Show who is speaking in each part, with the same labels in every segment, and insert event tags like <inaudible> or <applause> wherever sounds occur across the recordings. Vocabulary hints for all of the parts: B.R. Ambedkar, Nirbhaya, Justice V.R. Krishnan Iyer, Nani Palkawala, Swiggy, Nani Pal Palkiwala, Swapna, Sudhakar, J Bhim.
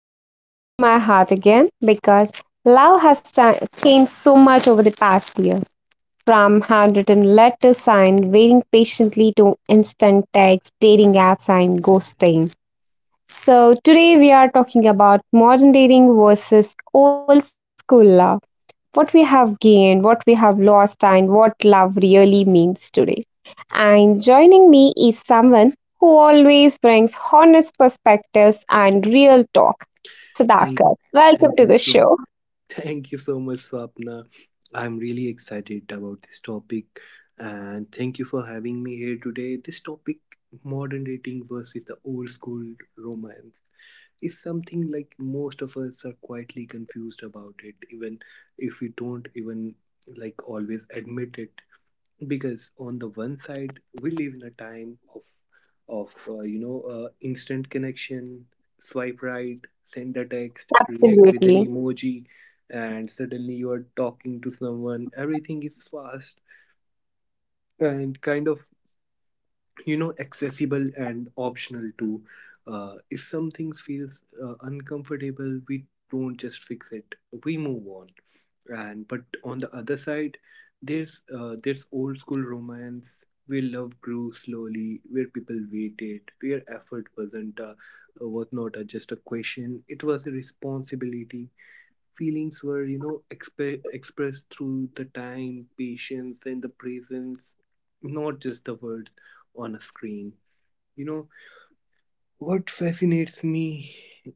Speaker 1: is close to my heart again because love has cha- changed so much over the past year. From handwritten letters signed, waiting patiently to instant texts, dating apps, and ghosting. So, today we are talking about modern dating versus old school love. What we have gained, what we have lost, and what love really means today. And joining me is someone who always brings honest perspectives and real talk.
Speaker 2: Thank,
Speaker 1: Sudhakar, welcome
Speaker 2: thank
Speaker 1: to
Speaker 2: you
Speaker 1: the
Speaker 2: so,
Speaker 1: show.
Speaker 2: <laughs> thank you so much, Swapna. I'm really excited about this topic, and thank you for having me here today. This topic, modern dating versus the old school romance, is something like most of us are quietly confused about it, even if we don't even like always admit it. Because on the one side we live in a time of instant connection, swipe right, send a text, react with an
Speaker 1: Absolutely.
Speaker 2: emoji, and suddenly you are talking to someone. Everything is fast and kind of, you know, accessible and optional too. If something feels uncomfortable, we don't just fix it, we move on. And but on the other side there's old school romance where love grew slowly, where people waited, where effort was not just a question, it was a responsibility. Feelings were, you know, expressed through the time, patience and the presence, not just the words on a screen, you know. What fascinates me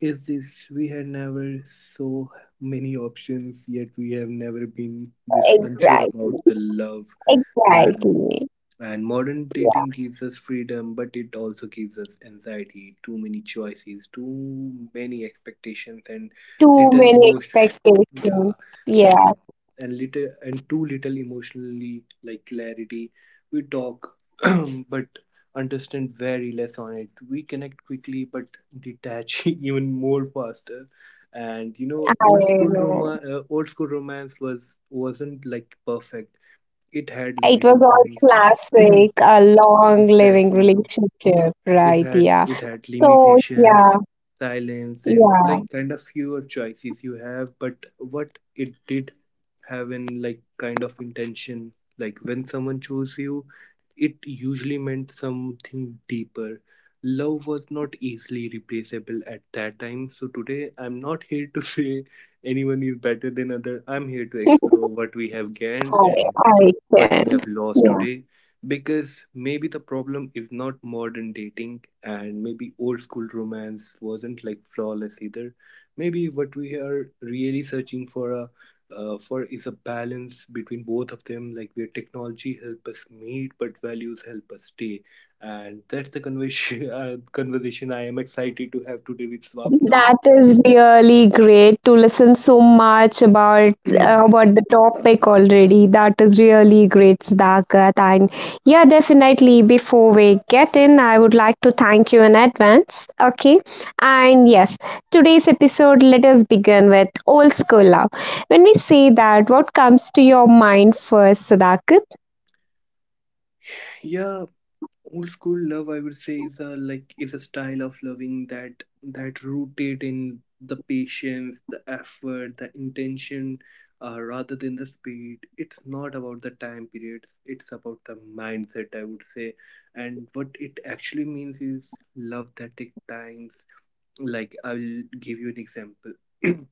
Speaker 2: is this, we had never so many options, yet we have never been this unsure about
Speaker 1: Exactly.
Speaker 2: the love. and
Speaker 1: Exactly.
Speaker 2: and modern dating gives us freedom, but it also gives us anxiety, too many choices, too many expectations and
Speaker 1: Too
Speaker 2: little
Speaker 1: many
Speaker 2: emotional.
Speaker 1: expectations.
Speaker 2: Yeah.
Speaker 1: Yeah,
Speaker 2: And and little and too little emotionally like clarity. We talk, <clears throat> but understand very less on it. We connect quickly but detach <laughs> even more faster. And you know,
Speaker 1: I know.
Speaker 2: old school romance wasn't like perfect, it had
Speaker 1: It was
Speaker 2: limitations.
Speaker 1: all classic, a
Speaker 2: <clears throat>
Speaker 1: long living
Speaker 2: exactly,
Speaker 1: relationship,
Speaker 2: it
Speaker 1: right?
Speaker 2: had,
Speaker 1: Yeah.
Speaker 2: it had
Speaker 1: So, yeah,
Speaker 2: limitations, silence and
Speaker 1: yeah,
Speaker 2: like kind of fewer choices you have, but what it did have in like kind of intention, like when someone chose you, it usually meant something deeper. Love was not easily replaceable at that time. So today I'm not here to <laughs> say anyone is better than other, I'm here to
Speaker 1: <laughs>
Speaker 2: explore what we have gained
Speaker 1: I,
Speaker 2: and
Speaker 1: I
Speaker 2: what we
Speaker 1: can.
Speaker 2: have lost
Speaker 1: Yeah.
Speaker 2: today. Because maybe the problem is not modern dating, and maybe old school romance wasn't like flawless either. Maybe what we are really searching for is a balance between both of them, like where technology help us meet but values help us stay. And that's the conversation <laughs> conversation I am excited to have today with Swapna.
Speaker 1: That is really great to listen so much
Speaker 2: <clears throat>
Speaker 1: about the topic already. That is really great, Sudhakat. And yeah, definitely. Before we get in, I would like to thank you in advance. Okay, and yes, today's episode. Let us begin with old school love. When we say that, what comes to your mind first, Sudhakat?
Speaker 2: yeah, old school love, I would say, is a is a style of loving that rooted in the patience, the effort, the intention, rather than the speed. It's not about the time periods, it's about the mindset, I would say. And what it actually means is love that takes times. Like, I'll give you an example. <clears throat>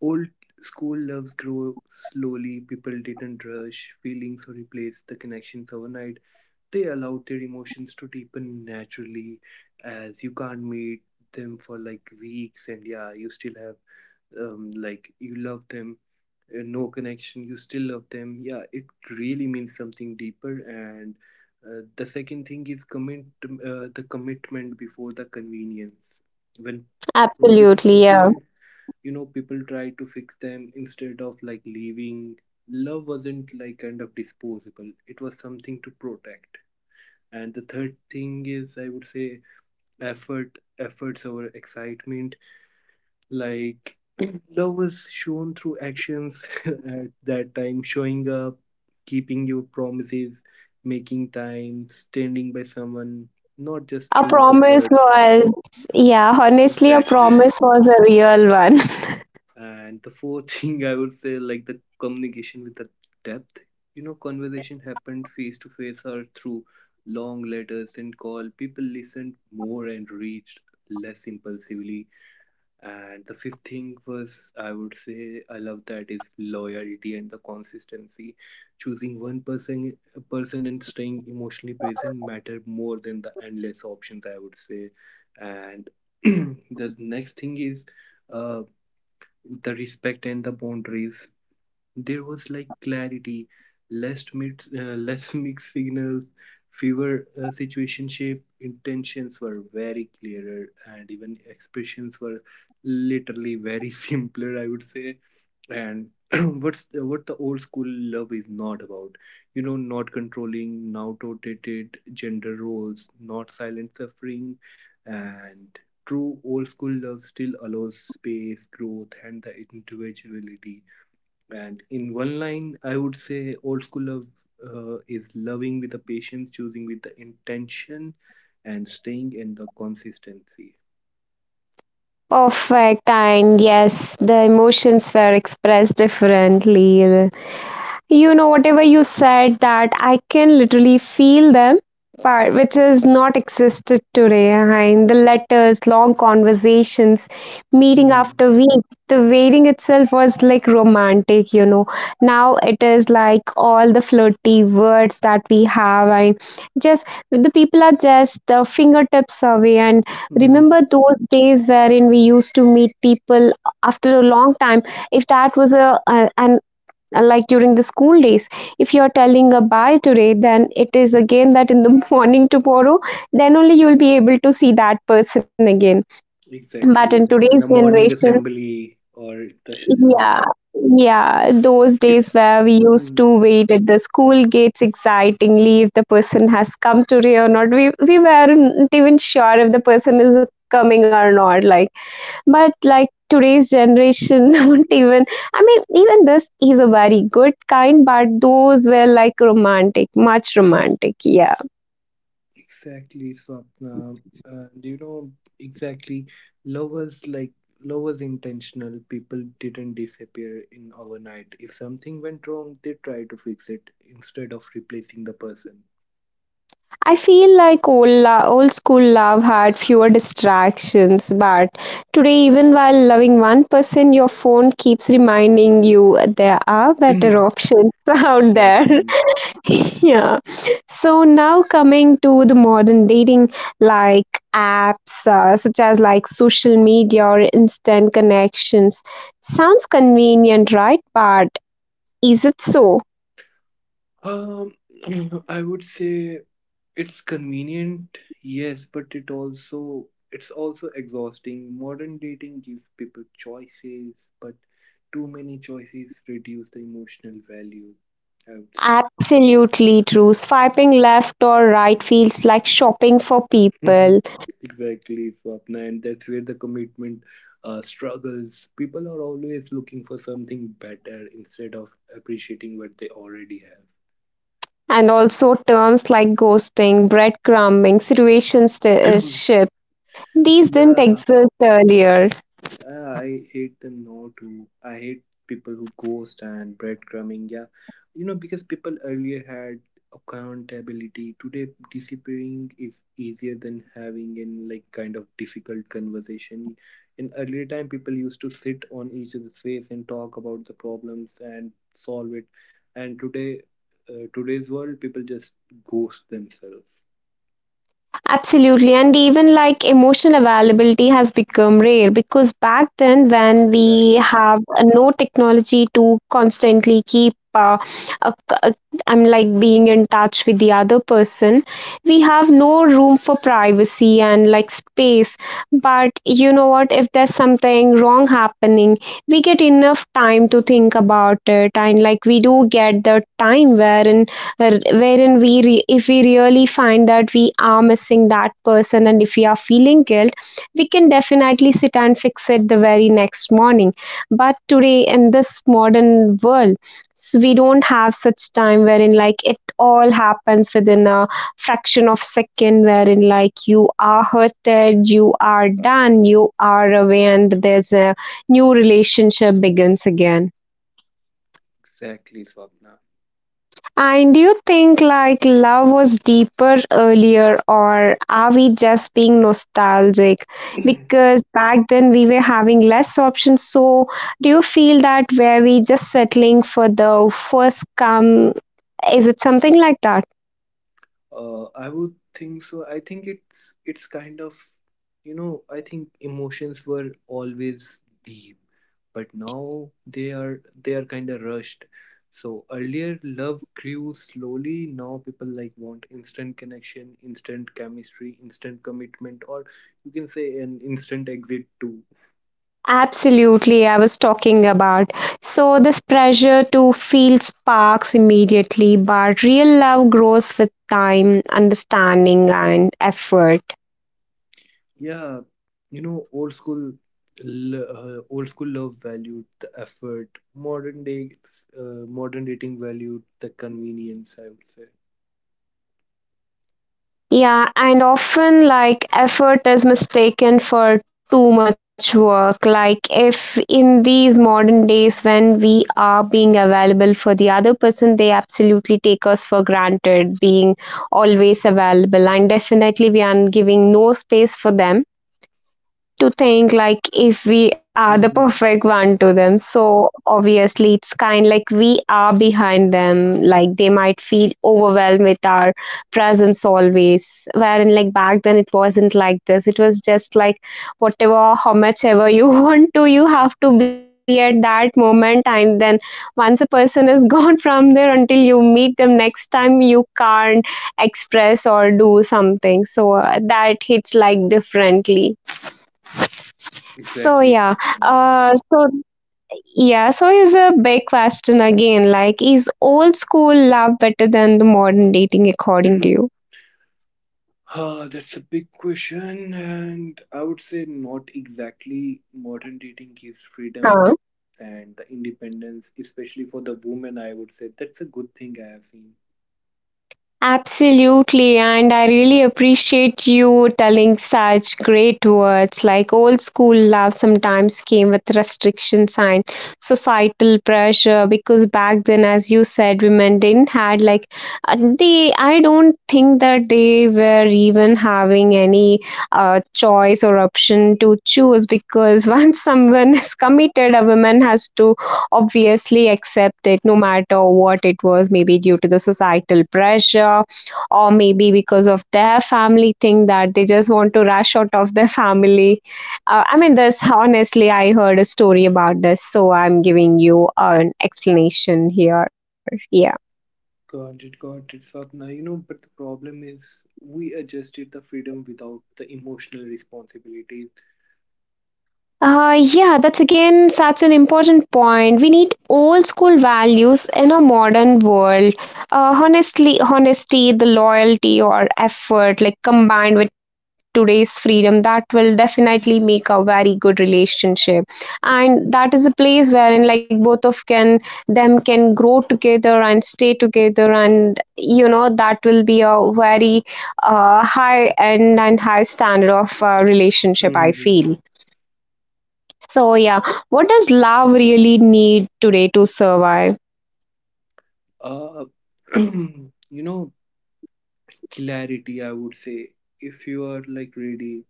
Speaker 2: old school loves grow slowly, people didn't rush feelings or replace the connections overnight. They allowed their emotions to deepen naturally. As you can't meet them for like weeks and yeah, you still have, like, you love them. No connection, you still love them. Yeah, it really means something deeper. And the second thing is commit the commitment before the convenience. When problems
Speaker 1: Absolutely, yeah.
Speaker 2: appeared, you know, people try to fix them instead of like leaving. Love wasn't like kind of disposable, it was something to protect. And the third thing is, I would say, effort, efforts over excitement. Like, <clears throat> love was shown through actions <laughs> at that time, showing up, keeping your promises, making time, standing by someone, not just
Speaker 1: A
Speaker 2: through the
Speaker 1: promise
Speaker 2: words.
Speaker 1: was, yeah, honestly, a
Speaker 2: Exactly.
Speaker 1: promise was a real one. <laughs>
Speaker 2: And the fourth <laughs> thing I would say, like the communication with the depth. You know, conversation happened face to face or through long letters and call. People listened more and reached less impulsively. And the fifth thing was, I would say, I love that is loyalty and the consistency. Choosing one person, a person, and staying emotionally present matter more than the endless options, I would say. And <clears throat> the next thing is, uh, the respect and the boundaries. There was like clarity, <laughs> less mixed signals, fewer situationship. Intentions were very clearer, and even expressions were literally very <laughs> simpler, I would say. And <clears throat> what the old school love is not about. You know, not controlling, not outdated gender roles, not silent suffering. And true old school love still allows space, growth and the individuality. And in one line, I would say old school love is loving with the patience, choosing with the intention, and staying in the consistency.
Speaker 1: Perfect, and yes, the emotions were expressed differently. You know, whatever you said, that I can literally feel them, part which is not existed today. And the letters, long conversations, meeting
Speaker 2: Hmm.
Speaker 1: after week. The waiting itself was like romantic, you know. Now it is like all the flirty words that we have, and just the people are just the fingertips away. And
Speaker 2: Hmm.
Speaker 1: remember those days wherein we used to meet people after a long time if that was a an like during the school days, if you're telling a bye today, then it is again that in the <laughs> morning tomorrow, then only you'll be able to see that person again. But in
Speaker 2: Exactly that
Speaker 1: today's
Speaker 2: in the morning
Speaker 1: generation,
Speaker 2: assembly or the
Speaker 1: yeah, yeah, those days where we used
Speaker 2: hmm.
Speaker 1: to wait at the school gates excitingly if the person has come today or not, we weren't even sure if the person is coming or not, like, but like today's generation, <laughs> don't even, I mean, even this is a very good kind, but those were like romantic, much romantic, yeah.
Speaker 2: Exactly, Swapna. Do you know, exactly, love was like, love was intentional. People didn't disappear in overnight. If something went wrong, they try to fix it instead of replacing the person.
Speaker 1: I feel like old school love had fewer distractions, but today, even while loving one person, your phone keeps reminding you there are better options <laughs>
Speaker 2: <clears throat>
Speaker 1: out there.
Speaker 2: Exactly.
Speaker 1: <laughs> Yeah. So now coming to the modern dating, like apps such as like social media or instant connections, sounds convenient, right? But is it so?
Speaker 2: Um, <clears throat> I would say it's convenient, yes, but it's also exhausting. Modern dating gives people choices, but too many choices reduce the emotional value, I would say.
Speaker 1: Absolutely true. Swiping left or right feels like shopping for
Speaker 2: Mhm.
Speaker 1: people,
Speaker 2: Exactly, Swapna, and that's where the commitment struggles. People are always looking for something better instead of appreciating what they already
Speaker 1: and also terms like ghosting, breadcrumbing,
Speaker 2: have.
Speaker 1: situationship. These didn't
Speaker 2: <clears throat> yeah.
Speaker 1: exist earlier.
Speaker 2: I hate them now too. I hate people who ghost and breadcrumbing. Yeah, you know, because people earlier had accountability. Today, disappearing is easier than having in like kind of difficult conversation. In earlier time, people used to sit on each other's face and talk about the problems and solve it. And today, today's world, people just ghost themselves.
Speaker 1: Absolutely, and even like emotional availability has become rare because back then, when we
Speaker 2: Exactly,
Speaker 1: have no technology to constantly keep, a, a, I'm like being in touch with the other person, we have no room for privacy and like space. But you know what? If there's something wrong happening, we get enough time to think about it, and like we do get the time wherein if we really find that we are missing that person and if we are feeling guilt, we can definitely sit and fix it the very next morning. But today in this modern world, so we don't have such time wherein like it all happens within a fraction of second wherein like you are hurted, you are done, you are away, and there's a new relationship begins again.
Speaker 2: exactly, Swapna.
Speaker 1: And do you think like love was deeper earlier, or are we just being nostalgic?
Speaker 2: <clears throat>
Speaker 1: Because back then we were having less options. So do you feel that were we just settling for the first come? Is it something like that?
Speaker 2: I would think so. I think it's kind of, you know, I think emotions were always deep, but now they are kind of rushed. So earlier love grew slowly. Now people like want instant connection, instant chemistry, instant commitment, or you can say an instant exit too.
Speaker 1: Absolutely, I was talking about. So, this pressure to feel sparks immediately, but real love grows with time, understanding, and effort.
Speaker 2: Yeah, you know, old school, old school love valued the effort. Modern day, Modern dating valued the convenience, I would say.
Speaker 1: Yeah, and often like effort is mistaken for too much work. Like, if in these modern days when we are being available for the other person, they absolutely take us for granted, being always available, and definitely we are giving no space for them to think like if we are the
Speaker 2: Hmm.
Speaker 1: perfect one to them, so obviously it's kind like we are behind them, like they might feel overwhelmed with our presence always, wherein like back then it wasn't like this, it was just like whatever how much ever you <laughs> want to, you have to be at that moment, and then once a person is <laughs> gone from there, until you meet them next time you can't express or do something. So that hits like differently. So
Speaker 2: Exactly.
Speaker 1: yeah,
Speaker 2: Satyam.
Speaker 1: so yeah, so is a big question again. Like, is old school love better than the modern dating according
Speaker 2: <clears throat>
Speaker 1: to you?
Speaker 2: Ah, that's a big question, and I would say not exactly. Modern dating gives freedom
Speaker 1: Huh?
Speaker 2: and the independence, especially for the woman. I would say that's a good thing I have seen.
Speaker 1: Absolutely, and I really appreciate you telling such great words. Like old school love sometimes came with restriction sign, societal pressure. Because back then, as you said, women didn't had like they. I don't think that they were even having any choice or option to choose. Because <laughs> once someone is committed, a woman has to obviously accept it no matter what it was, maybe due to the societal pressure or maybe because of their family thing that they just want to rush out of their family. I mean, this honestly, I heard a story about this, so I'm giving you an explanation here. Yeah.
Speaker 2: Got it, Swapna. You know, but the problem is we adjusted the freedom without the emotional responsibilities.
Speaker 1: Yeah, that's again such an important point. We need old school values in a modern world. Honestly, honesty, the loyalty or effort, like combined with today's freedom, that will definitely make a very good relationship. And that is a place wherein like both of can them can grow together and stay together, and you know that will be a very high end and high standard of relationship. I
Speaker 2: Mm-hmm.
Speaker 1: feel. So, yeah, what does love really need today to survive?
Speaker 2: Uh, <clears throat> you know, clarity, I would say. If you are like ready,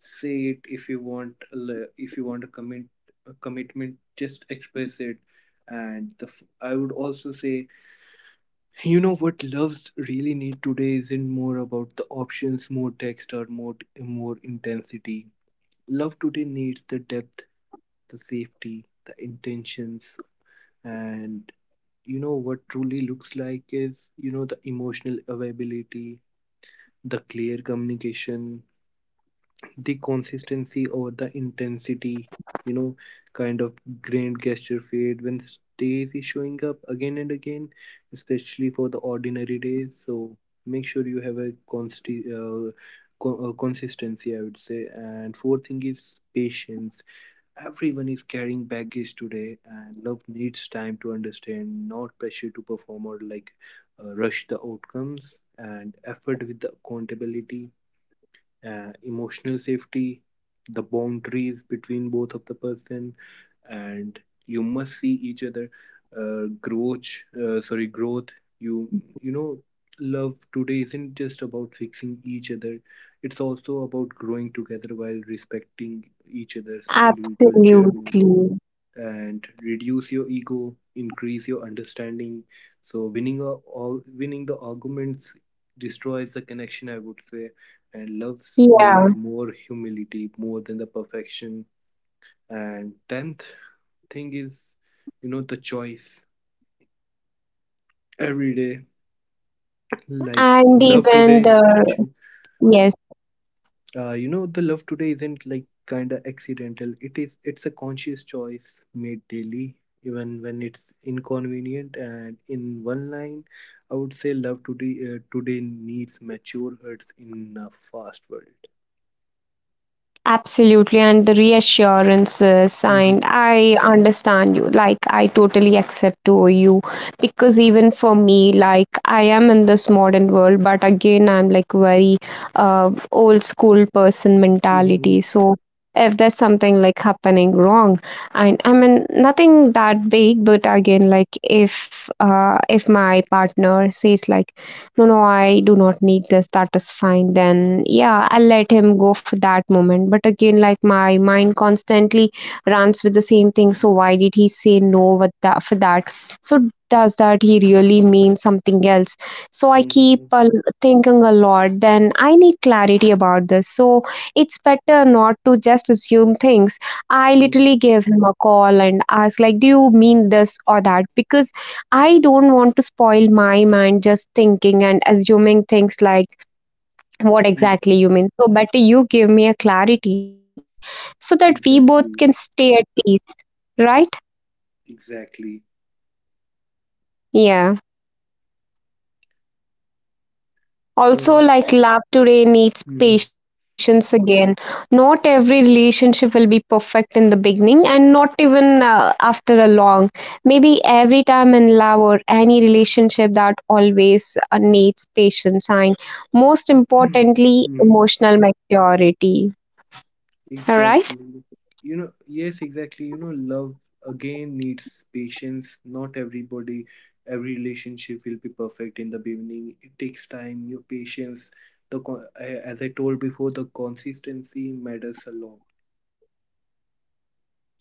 Speaker 2: say it. If you want, if you want a commitment, just express it. And I would also say, you know, what loves really need today isn't more about the options, more text, or more intensity. Love today needs the depth, the safety, the intentions, and you know what truly looks like is, you know, the emotional availability, the clear communication, the consistency or the intensity, you know, kind of grand gesture fade when stays is showing up again and again, especially for the ordinary days. So make sure you have a consistency, I would say. And fourth thing is patience. Everyone is carrying baggage today, and love needs time to understand, not pressure to perform or like rush the outcomes, and effort with the accountability, emotional safety, the boundaries between both of the person, and you must see each other uh, growth. Growth. You you know, love today isn't just about fixing each other. It's also about growing together while respecting each other's individual journey,
Speaker 1: Absolutely.
Speaker 2: and reduce your ego, increase your understanding. So winning a, all winning the arguments destroys the connection, I would say. And loves need
Speaker 1: Yeah.
Speaker 2: more humility more than the perfection. And 10th thing is, you know, the choice every day. Like,
Speaker 1: And
Speaker 2: love
Speaker 1: even
Speaker 2: today
Speaker 1: the,
Speaker 2: cho-
Speaker 1: yes.
Speaker 2: you know, the love today isn't like kind of accidental, it's a conscious choice made daily, even when it's inconvenient. And in one line, I would say love today needs mature hearts in a fast world.
Speaker 1: Absolutely, and the reassurances, and
Speaker 2: Mhm,
Speaker 1: I understand you. Like, I totally accept to you because even for me, like, I am in this modern world, but again, I'm like very old school person mentality.
Speaker 2: mhm,
Speaker 1: So, if there's something like happening wrong, and I mean, nothing that big, but again, like, if my partner says like no, no, I do not need this, that is fine, then yeah, I'll let him go for that moment. But again, like my mind constantly runs with the same thing, so why did he say no with that for that? So does that he really mean something else? So I keep
Speaker 2: mhm,
Speaker 1: thinking a lot, then I need clarity about this, so it's better not to just assume things. I
Speaker 2: mhm,
Speaker 1: literally gave him a call and asked like, do you mean this or that? Because I don't want to spoil my mind just thinking and assuming things like what exactly
Speaker 2: mhm.
Speaker 1: you mean. So, better you give me a clarity so that we both can stay
Speaker 2: exactly
Speaker 1: at peace, right?
Speaker 2: exactly
Speaker 1: Yeah. Also,
Speaker 2: So,
Speaker 1: like love today needs
Speaker 2: mhm.
Speaker 1: patience again. Not every relationship will be perfect in the beginning, and not even after a long. Maybe every time in love or any relationship that always needs patience and most
Speaker 2: <clears throat>
Speaker 1: importantly,
Speaker 2: mhm.
Speaker 1: emotional maturity. All right.
Speaker 2: Exactly. You know, yes, exactly. You know, love again needs patience. Not everybody, every relationship will be perfect in the beginning. It takes time, your patience. The as I told before, the consistency matters a lot.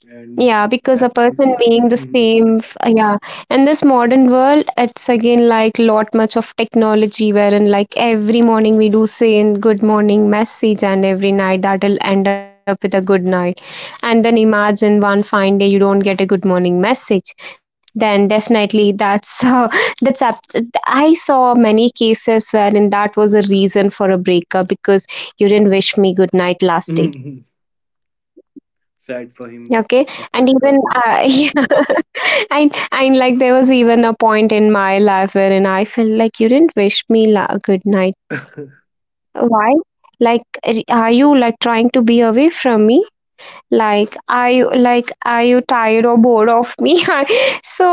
Speaker 1: Yeah,
Speaker 2: And
Speaker 1: because a
Speaker 2: as
Speaker 1: person
Speaker 2: it's
Speaker 1: being the
Speaker 2: Mhm.
Speaker 1: same, yeah. In this modern world, it's again like lot much of technology wherein like every morning we do say in good morning message and every night that'll end up with a good night. And then imagine one fine day you don't get a good morning message. Then definitely that's <laughs> I saw many cases wherein that was a reason for a breakup because you didn't wish me good night last day.
Speaker 2: <laughs> sad for him.
Speaker 1: Okay,
Speaker 2: Or
Speaker 1: and
Speaker 2: her,
Speaker 1: even
Speaker 2: sorry.
Speaker 1: <laughs> yeah, I and like there was even a point in my life wherein I felt like you didn't wish me la- good night.
Speaker 2: <laughs>
Speaker 1: Why? Like, are you like trying to be away from me? Like, are you like, are you tired or bored of me? <laughs> So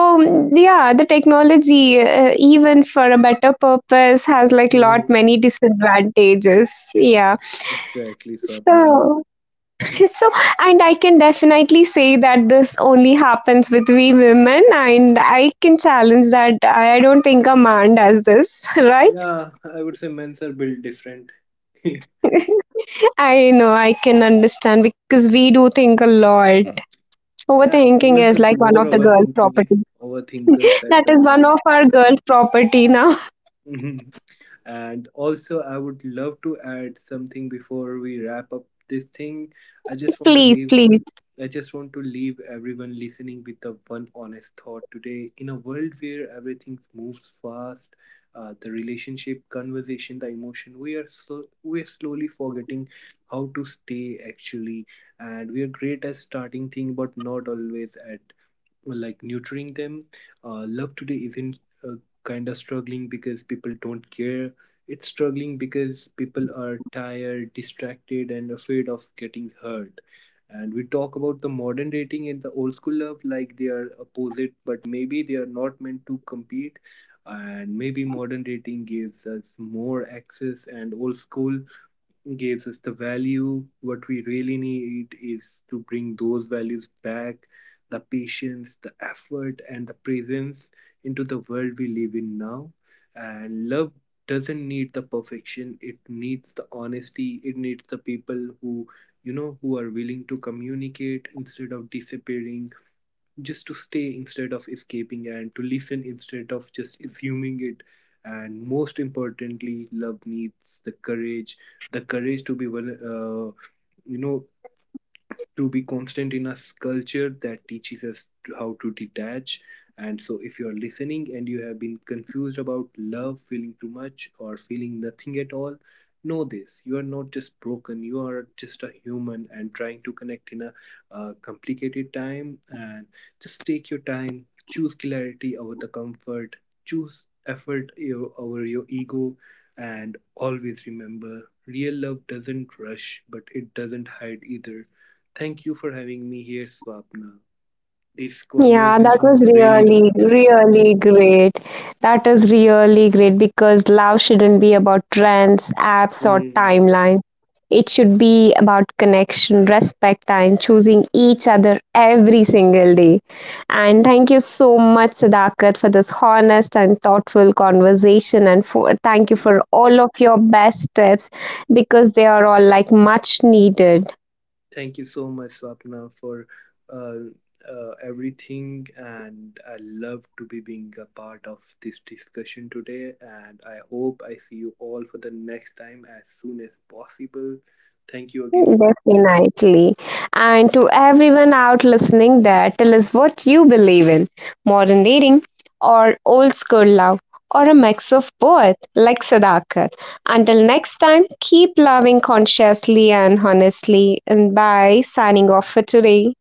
Speaker 1: yeah, the technology, even for a better purpose, has like lot
Speaker 2: Mhm.
Speaker 1: many disadvantages. Yeah.
Speaker 2: Exactly, Swapna.
Speaker 1: So so, and I can definitely say that this only happens with we women, and I can challenge that I don't think a man does this, <laughs> right?
Speaker 2: Yeah, I would say men's are built different. <laughs>
Speaker 1: I know, I can understand because we do think a lot.
Speaker 2: Yeah,
Speaker 1: Overthinking
Speaker 2: women
Speaker 1: is
Speaker 2: are
Speaker 1: like one
Speaker 2: more
Speaker 1: of the girl
Speaker 2: overthinking
Speaker 1: property.
Speaker 2: overthinkers at
Speaker 1: That
Speaker 2: the
Speaker 1: is one
Speaker 2: time.
Speaker 1: of our girl property now.
Speaker 2: Mhm. And also, I would love to add something before we wrap up this thing. I just
Speaker 1: <laughs>
Speaker 2: want to
Speaker 1: Please,
Speaker 2: leave.
Speaker 1: please.
Speaker 2: I just want to leave everyone listening with the one honest thought today. In a world where everything moves fast, the relationship, conversation, the emotion, we are slowly forgetting how to stay actually, and we are great at starting things, but not always at like nurturing them. Love today isn't uh, kind of struggling because people don't care. It's struggling because people are tired, distracted, and afraid of getting hurt. And we talk about the modern dating and the old school love like they are opposite, but maybe they are not meant to compete. And maybe modern dating gives us more access, and old school gives us the value. What we really need is to bring those values back, the patience, the effort, and the presence, into the world we live in now. And love doesn't need the perfection, it needs the honesty, it needs the people who, you know, who are willing to communicate instead of disappearing, just to stay instead of escaping, and to listen instead of just assuming it. And most importantly, love needs the courage, the courage to be you know, to be constant in a culture that teaches us how to detach. And so, if you are listening and you have been confused about love, feeling too much, or feeling nothing at all, know this, you are not just broken, you are just a human and trying to connect in a complicated time. And just take your time, choose clarity over the comfort, choose effort over your ego, and always remember, real love doesn't rush, but it doesn't hide either. Thank you for having me here, Swapna. This
Speaker 1: Yeah, that
Speaker 2: conversation
Speaker 1: was
Speaker 2: was really
Speaker 1: really,
Speaker 2: mattered.
Speaker 1: really great. That is really great because love shouldn't be about trends, apps, or
Speaker 2: Hmm.
Speaker 1: timelines. It should be about connection, respect, and choosing each other every single day. And thank you so much, Sadakat, for this honest and thoughtful conversation. And for, thank you for all of your best tips because they are all like much needed.
Speaker 2: Thank you so much, Swapna, for uh, everything. And I love to be being a part of this discussion today. And I hope I see you all for the next time as soon as possible. Thank you again, Swapna.
Speaker 1: Definitely. And to everyone out listening there, tell us what you believe in, modern dating or old school love or a mix of both, like Sadakat. Until next time, keep loving consciously and honestly. And bye, signing off for today.